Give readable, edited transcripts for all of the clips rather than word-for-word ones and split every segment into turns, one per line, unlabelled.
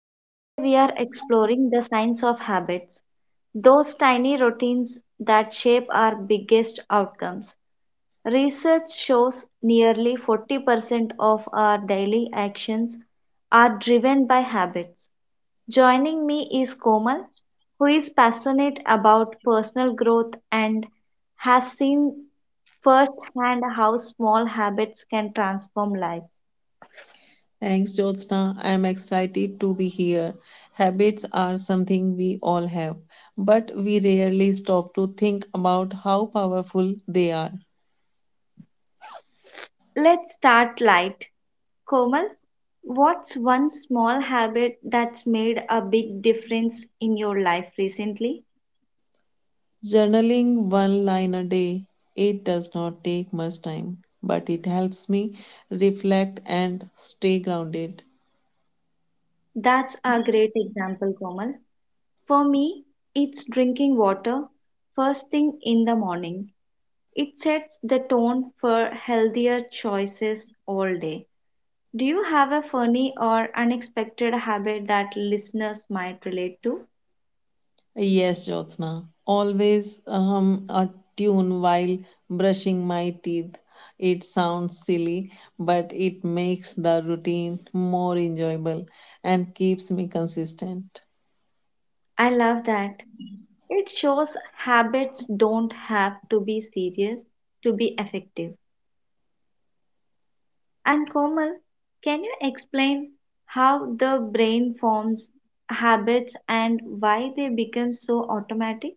and today we are exploring the science of habits, those tiny routines that shape our biggest outcomes. Research shows nearly 40% of our daily actions are driven by habits. Joining me is Komal, who is passionate about personal growth and has seen firsthand how small habits can transform lives.
Thanks, Jyotsna. I am excited to be here. Habits are something we all have, but we rarely stop to think about how powerful they are.
Let's start light. Komal, what's one small habit that's made a big difference in your life recently?
Journaling one line a day, it does not take much time, but it helps me reflect and stay grounded.
That's a great example, Komal. For me, it's drinking water first thing in the morning. It sets the tone for healthier choices all day. Do you have a funny or unexpected habit that listeners might relate to?
Yes, Jyotsna. Always hum a tune while brushing my teeth. It sounds silly, but it makes the routine more enjoyable and keeps me consistent.
I love that. It shows habits don't have to be serious to be effective. And Komal, can you explain how the brain forms habits and why they become so automatic?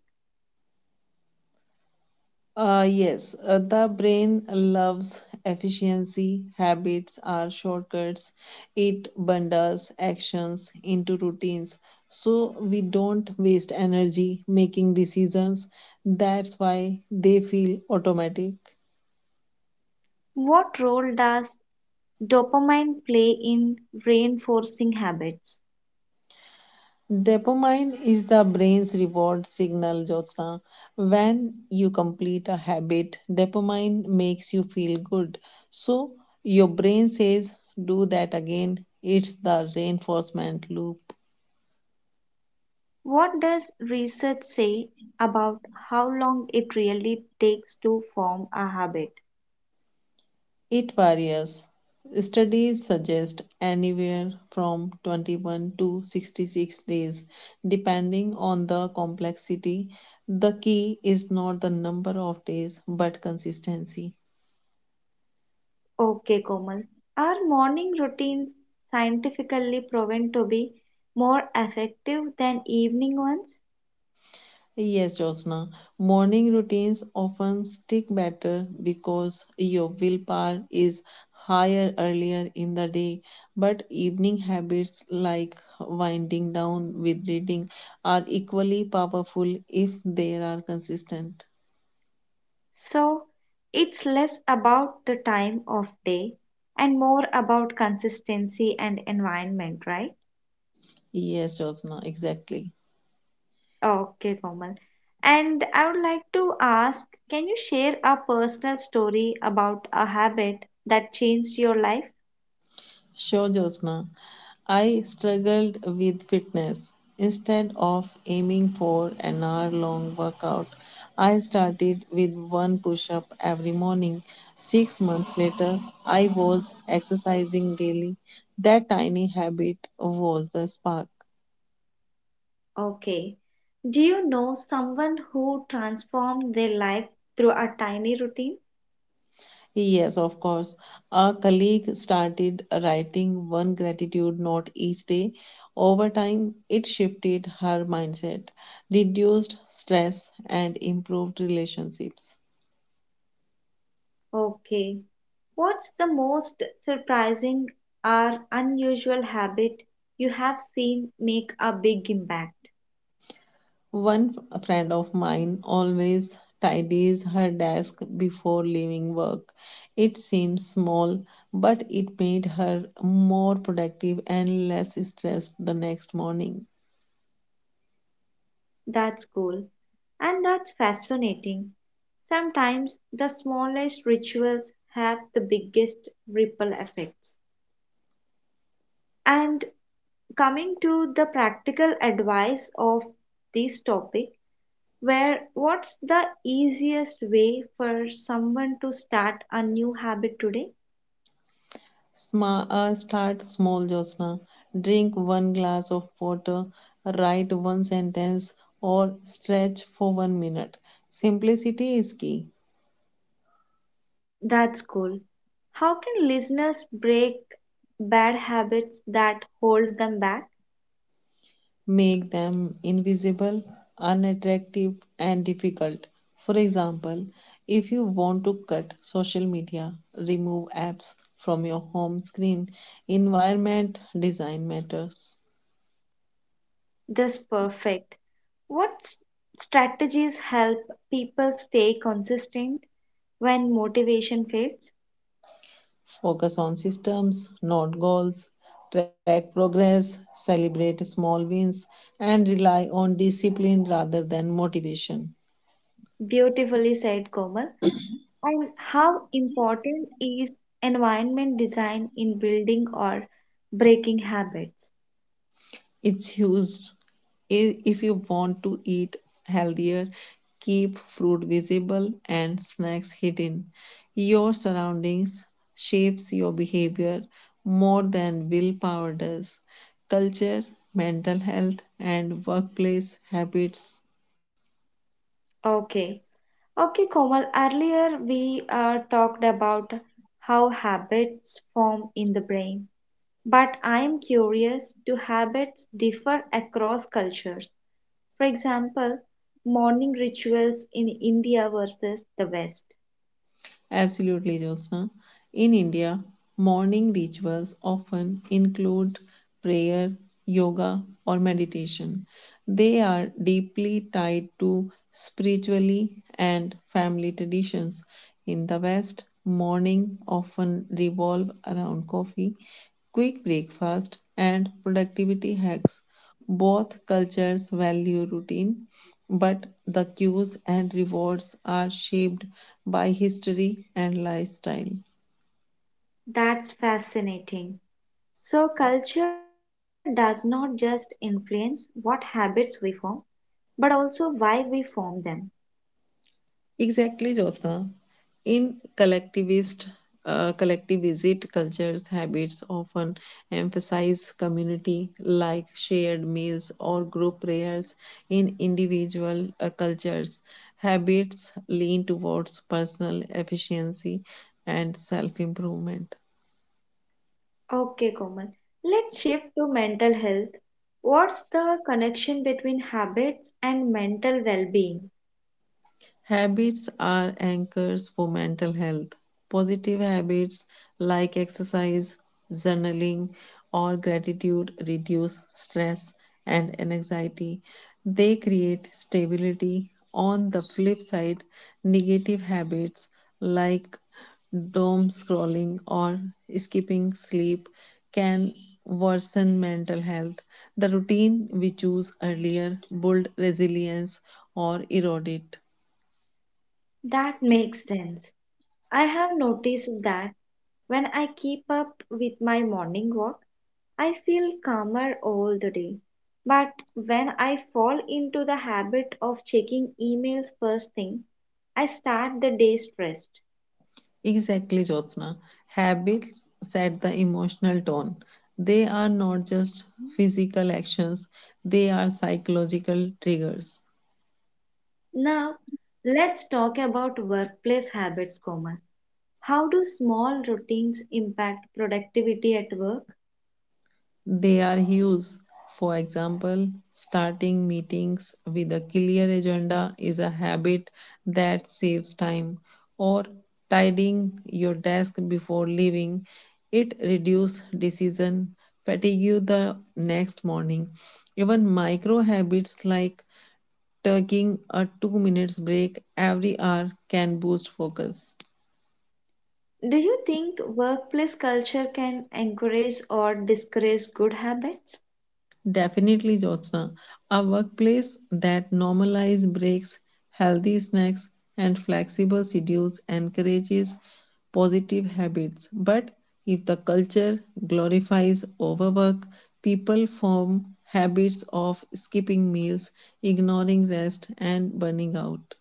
Yes, the brain loves efficiency. Habits are shortcuts. It bundles actions into routines so we don't waste energy making decisions. That's why they feel automatic.
What role does dopamine play in reinforcing habits?
Dopamine is the brain's reward signal, Jyotsna. When you complete a habit, dopamine makes you feel good. So your brain says, do that again. It's the reinforcement loop.
What does research say about how long it really takes to form a habit?
It varies. Studies suggest anywhere from 21 to 66 days, depending on the complexity. The key is not the number of days, but consistency.
Okay, Komal. Are morning routines scientifically proven to be more effective than evening ones?
Yes, Josna. Morning routines often stick better because your willpower is higher earlier in the day. But evening habits like winding down with reading are equally powerful if they are consistent.
So, it's less about the time of day and more about consistency and environment, right?
Yes, Josna, exactly.
Okay, Komal. And I would like to ask can you share a personal story about a habit that changed your life?
Sure, Josna, I struggled with fitness. Instead of aiming for an hour long workout, I started with one push up every morning. 6 months later, I was exercising daily. That tiny habit was the spark.
Okay. Do you know someone who transformed their life through a tiny routine?
Yes, of course. A colleague started writing one gratitude note each day. Over time, it shifted her mindset, reduced stress, and improved relationships.
Okay. What's the most surprising or unusual habit you have seen make a big impact?
One friend of mine always tidies her desk before leaving work. It seems small, but it made her more productive and less stressed the next morning.
That's cool. And that's fascinating. Sometimes the smallest rituals have the biggest ripple effects. And coming to the practical advice of this topic, where what's the easiest way for someone to start a new habit today?
Start small, Josna. Drink one glass of water, write one sentence, or stretch for 1 minute. Simplicity is key.
That's cool. How can listeners break bad habits that hold them back?
Make them invisible, unattractive, and difficult. For example, if you want to cut social media, remove apps from your home screen. Environment design matters.
That's perfect. What strategies help people stay consistent when motivation fades?
Focus on systems, not goals. Track progress, celebrate small wins, and rely on discipline rather than motivation.
Beautifully said, Komal. And how important is environment design in building or breaking habits?
It's used if you want to eat healthier, keep fruit visible and snacks hidden. Your surroundings shapes your behavior more than willpower does. Culture, mental health, and workplace habits.
Okay, Okay, Komal, earlier we talked about how habits form in the brain, but I am curious do habits differ across cultures? For example, morning rituals in India versus the West.
Absolutely, Jyotsna. In India, morning rituals often include prayer, yoga, or meditation. They are deeply tied to spiritually and family traditions. In the West, morning often revolve around coffee, quick breakfast, and productivity hacks. Both cultures value routine, but the cues and rewards are shaped by history and lifestyle.
That's fascinating. So, culture does not just influence what habits we form, but also why we form them.
Exactly, Jyotsna. In collectivist cultures, habits often emphasize community, like shared meals or group prayers. In individual cultures, habits lean towards personal efficiency and self improvement.
Okay, Komal. Let's shift to mental health. What's the connection between habits and mental well being?
Habits are anchors for mental health. Positive habits like exercise, journaling, or gratitude reduce stress and anxiety. They create stability. On the flip side, negative habits like doom scrolling or skipping sleep can worsen mental health. The routine we choose earlier build resilience or erode it.
That makes sense. I have noticed that when I keep up with my morning walk, I feel calmer all the day. But when I fall into the habit of checking emails first thing, I start the day stressed.
Exactly, Jyotsna. Habits set the emotional tone. They are not just physical actions, they are psychological triggers.
Now, let's talk about workplace habits, Komal. How do small routines impact productivity at work?
They are hues. For example, starting meetings with a clear agenda is a habit that saves time, or tidying your desk before leaving. It reduces decision fatigue the next morning. Even micro habits like taking a 2 minutes break every hour can boost focus.
Do you think workplace culture can encourage or discourage good habits?
Definitely, Jyotsna. A workplace that normalizes breaks, healthy snacks, and flexible schedules encourages positive habits. But if the culture glorifies overwork, people form habits of skipping meals, ignoring rest, and burning out.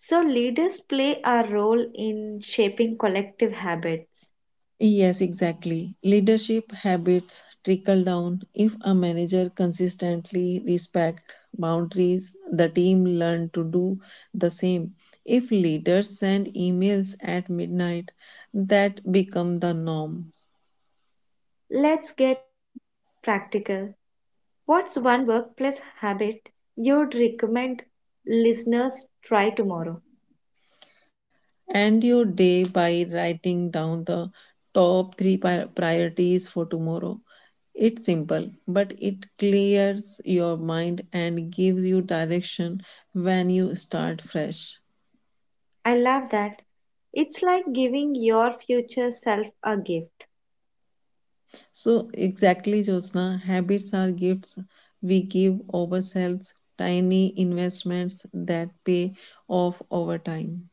So, leaders play a role in shaping collective habits.
Yes, exactly. Leadership habits trickle down. If a manager consistently respect boundaries, the team learn to do the same. If leaders send emails at midnight, that become the norm.
Let's get practical. What's one workplace habit you'd recommend listeners try tomorrow?
End your day by writing down the top three priorities for tomorrow. It's simple, but it clears your mind and gives you direction when you start fresh.
I love that. It's like giving your future self a gift.
So, exactly, Josna, habits are gifts we give ourselves, tiny investments that pay off over time.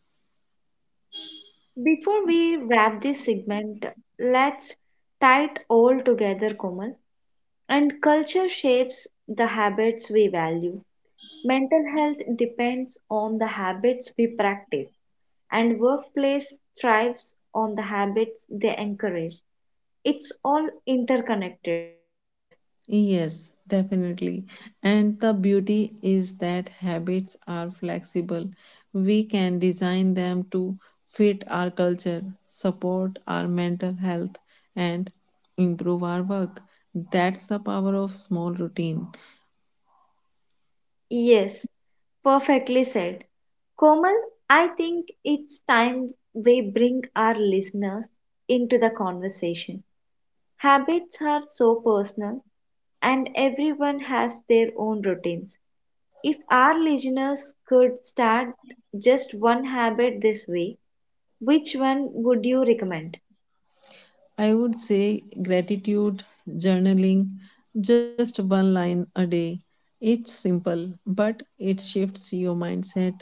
Before we wrap this segment, let's tie it all together, Komal. And culture shapes the habits we value. Mental health depends on the habits we practice, and workplace thrives on the habits they encourage. It's all interconnected.
Yes, definitely. And the beauty is that habits are flexible. We can design them to fit our culture, support our mental health, and improve our work. That's the power of small routine.
Yes, perfectly said. Komal, I think it's time we bring our listeners into the conversation. Habits are so personal, and everyone has their own routines. If our listeners could start just one habit this week, which one would you recommend?
I would say gratitude, journaling, just one line a day. It's simple, but it shifts your mindset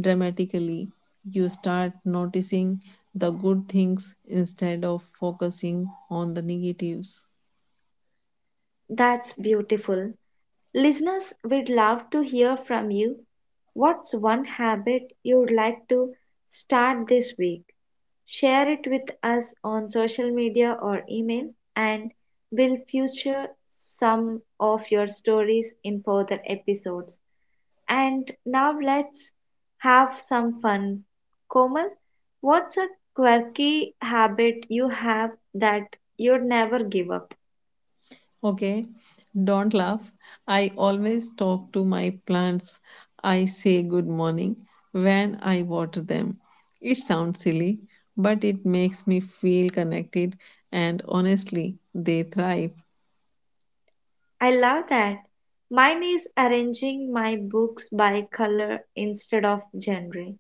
dramatically. You start noticing the good things instead of focusing on the negatives.
That's beautiful. Listeners, we'd love to hear from you. What's one habit you'd like to start this week? Share it with us on social media or email, and we'll feature some of your stories in further episodes. And now let's have some fun. Komal, what's a quirky habit you have that you'd never give up?
Okay, don't laugh. I always talk to my plants. I say good morning when I water them. It sounds silly, but it makes me feel connected, and honestly, they thrive.
I love that. Mine is arranging my books by color instead of genre.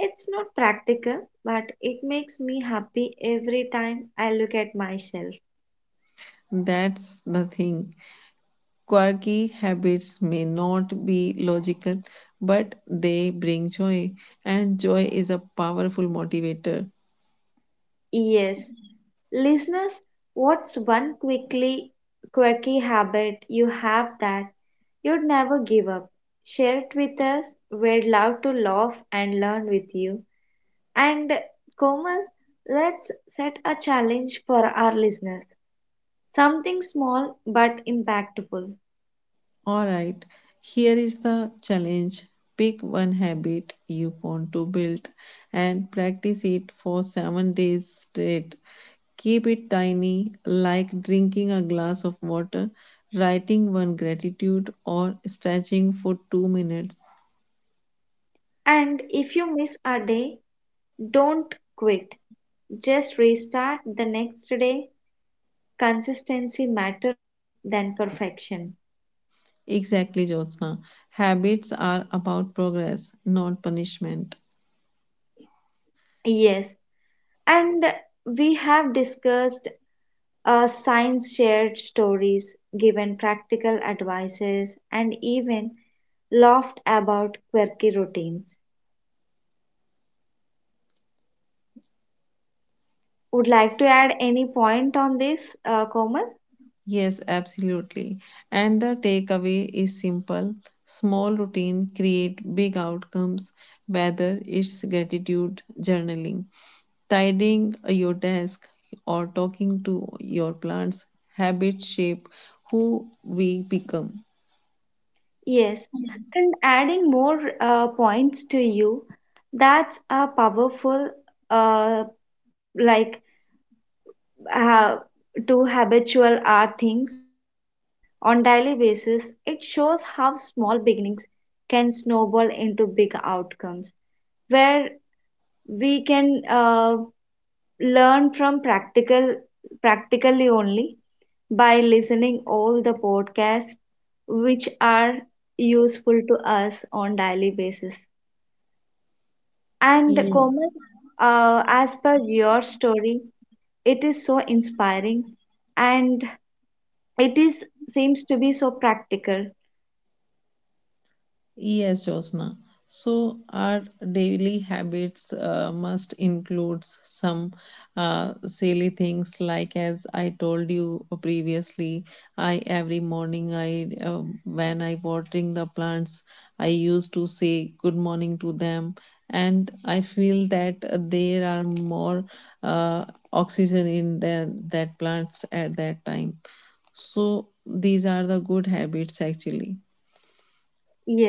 It's not practical, but it makes me happy every time I look at my shelf.
That's the thing. Quirky habits may not be logical, but they bring joy, and joy is a powerful motivator.
Yes. Listeners, what's one quickly quirky habit you have that you'd never give up? Share it with us. We'd love to laugh and learn with you. And Komal, let's set a challenge for our listeners. Something small but impactful.
Alright, here is the challenge. Pick one habit you want to build and practice it for 7 days straight. Keep it tiny, like drinking a glass of water, writing one gratitude, or stretching for 2 minutes.
And if you miss a day, don't quit. Just restart the next day. Consistency matter more than perfection.
Exactly, Jyotsna. Habits are about progress, not punishment.
Yes, and we have discussed science shared stories, given practical advices, and even laughed about quirky routines. Would like to add any point on this, Komal?
Yes, absolutely. And the takeaway is simple. Small routine create big outcomes, whether it's gratitude journaling, tidying your desk, or talking to your plants. Habits shape who we become.
Yes, and adding more points to you, that's a powerful, uh, like uh, to habitual art things on daily basis. It shows how small beginnings can snowball into big outcomes, where we can learn from practically only by listening all the podcasts which are useful to us on daily basis. And Komal, as per your story, it is so inspiring and it is seems to be so practical.
Yes, Josna. So our daily habits must include some silly things like, as I told you previously, I every morning I when I watering the plants, I used to say good morning to them, and I feel that there are more uh, oxygen in that plants at that time. So these are the good habits actually.
Yes.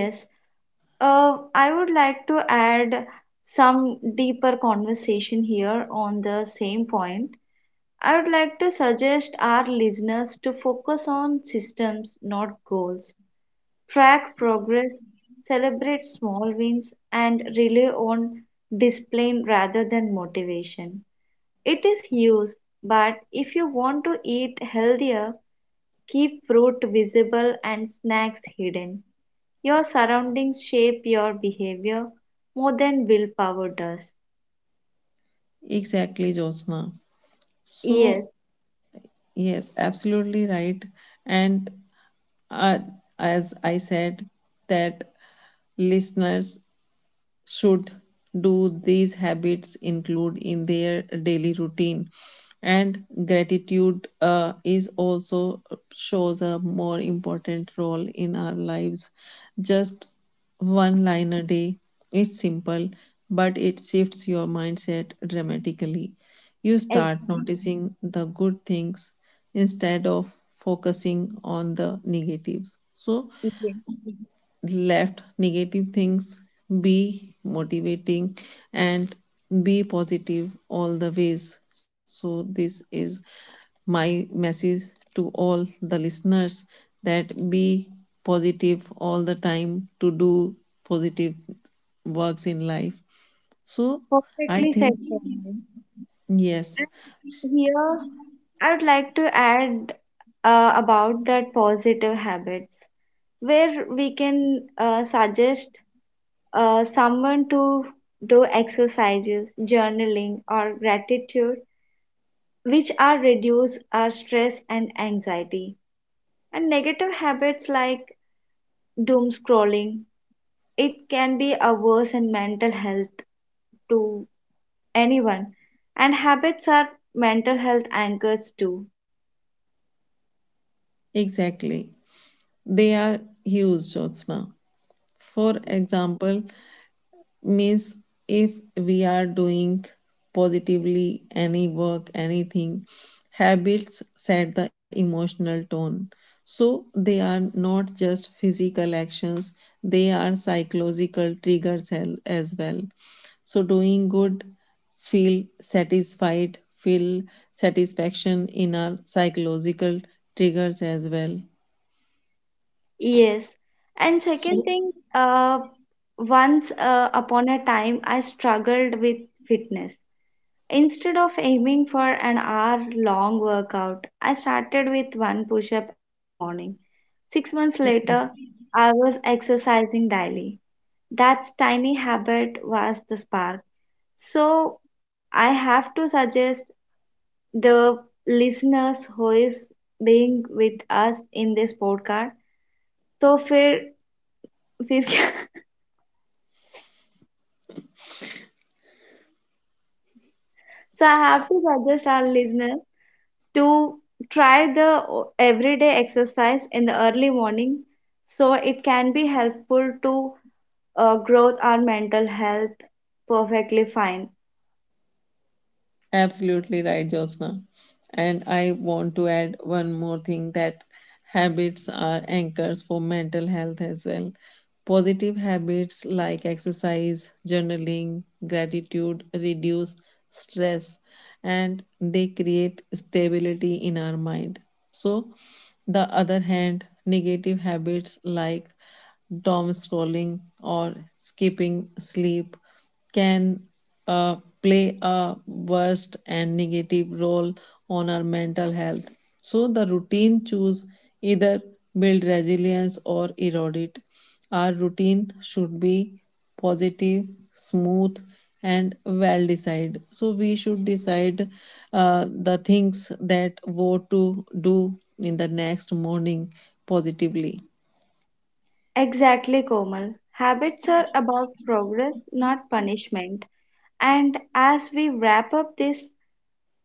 I would like to add some deeper conversation here on the same point. I would like to suggest our listeners to focus on systems, not goals. Track progress, celebrate small wins, and rely on discipline rather than motivation. It is used, but if you want to eat healthier, keep fruit visible and snacks hidden. Your surroundings shape your behavior more than willpower does.
Exactly, Josna. So,
Yes,
yes, absolutely right. And uh, as I said, that listeners should do these habits include in their daily routine, and gratitude is also shows a more important role in our lives. Just one line a day. It's simple, but it shifts your mindset dramatically. You start
exactly.
noticing the good things instead of focusing on the negatives. So
Yes,
let negative things be motivating and be positive all the ways. So, this is my message to all the listeners that be positive all the time, to do positive works in life. So, I
perfectly said,
think,
Sonal.
yes,
And here, I would like to add about that positive habits, where we can suggest someone to do exercises, journaling, or gratitude which are reduce our stress and anxiety. And negative habits like doom scrolling, it can be a worse in mental health to anyone. And habits are mental health anchors too.
exactly. They are huge, Jyotsna. For example, means if we are doing positively any work anything, habits set the emotional tone. So they are not just physical actions, they are psychological triggers as well. So doing good, feel satisfied, feel satisfaction in our psychological triggers as well.
Yes. And second
So
thing, once upon a time, I struggled with fitness. Instead of aiming for an hour long workout, I started with one push up every morning. 6 months later, I was exercising daily. That tiny habit was the spark. So, I have to suggest the listeners who is being with us in this podcast. So, फिर फिर क्या? So, I have to suggest our listeners to try the everyday exercise in the early morning so it can be helpful to growth our mental health perfectly fine.
absolutely right, Josna. And I want to add one more thing, that habits are anchors for mental health as well. Positive habits like exercise, journaling, gratitude reduce stress, and they create stability in our mind. So, the other hand, negative habits like doom scrolling or skipping sleep can uh, play a worst and negative role on our mental health. So the routine choose either build resilience or erode it. Our routine should be positive, smooth, and well decided. So we should decide the things that what to do in the next morning positively.
Exactly, Komal. Habits are about progress, not punishment. And as we wrap up this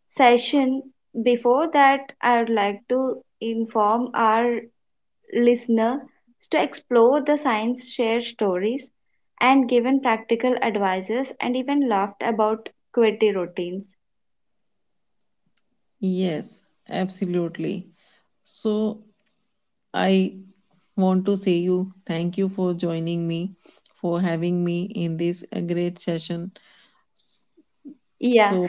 session, before that, I would like to inform our listeners to explore the science, share stories, and given practical advices, and even laughed about quirky routines.
Yes, absolutely. So I want to say you thank you for joining me, for having me in this great session.
Yeah.
So,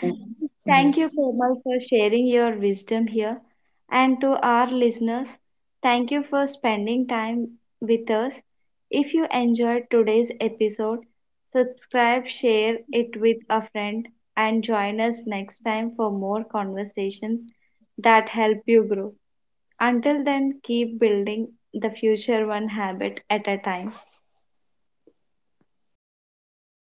Thank you,
yes,
Komal, for sharing your wisdom here. And to our listeners, thank you for spending time with us. If you enjoyed today's episode, subscribe, share it with a friend, and join us next time for more conversations that help you grow. Until then, keep building the future one habit at a time.
thank you.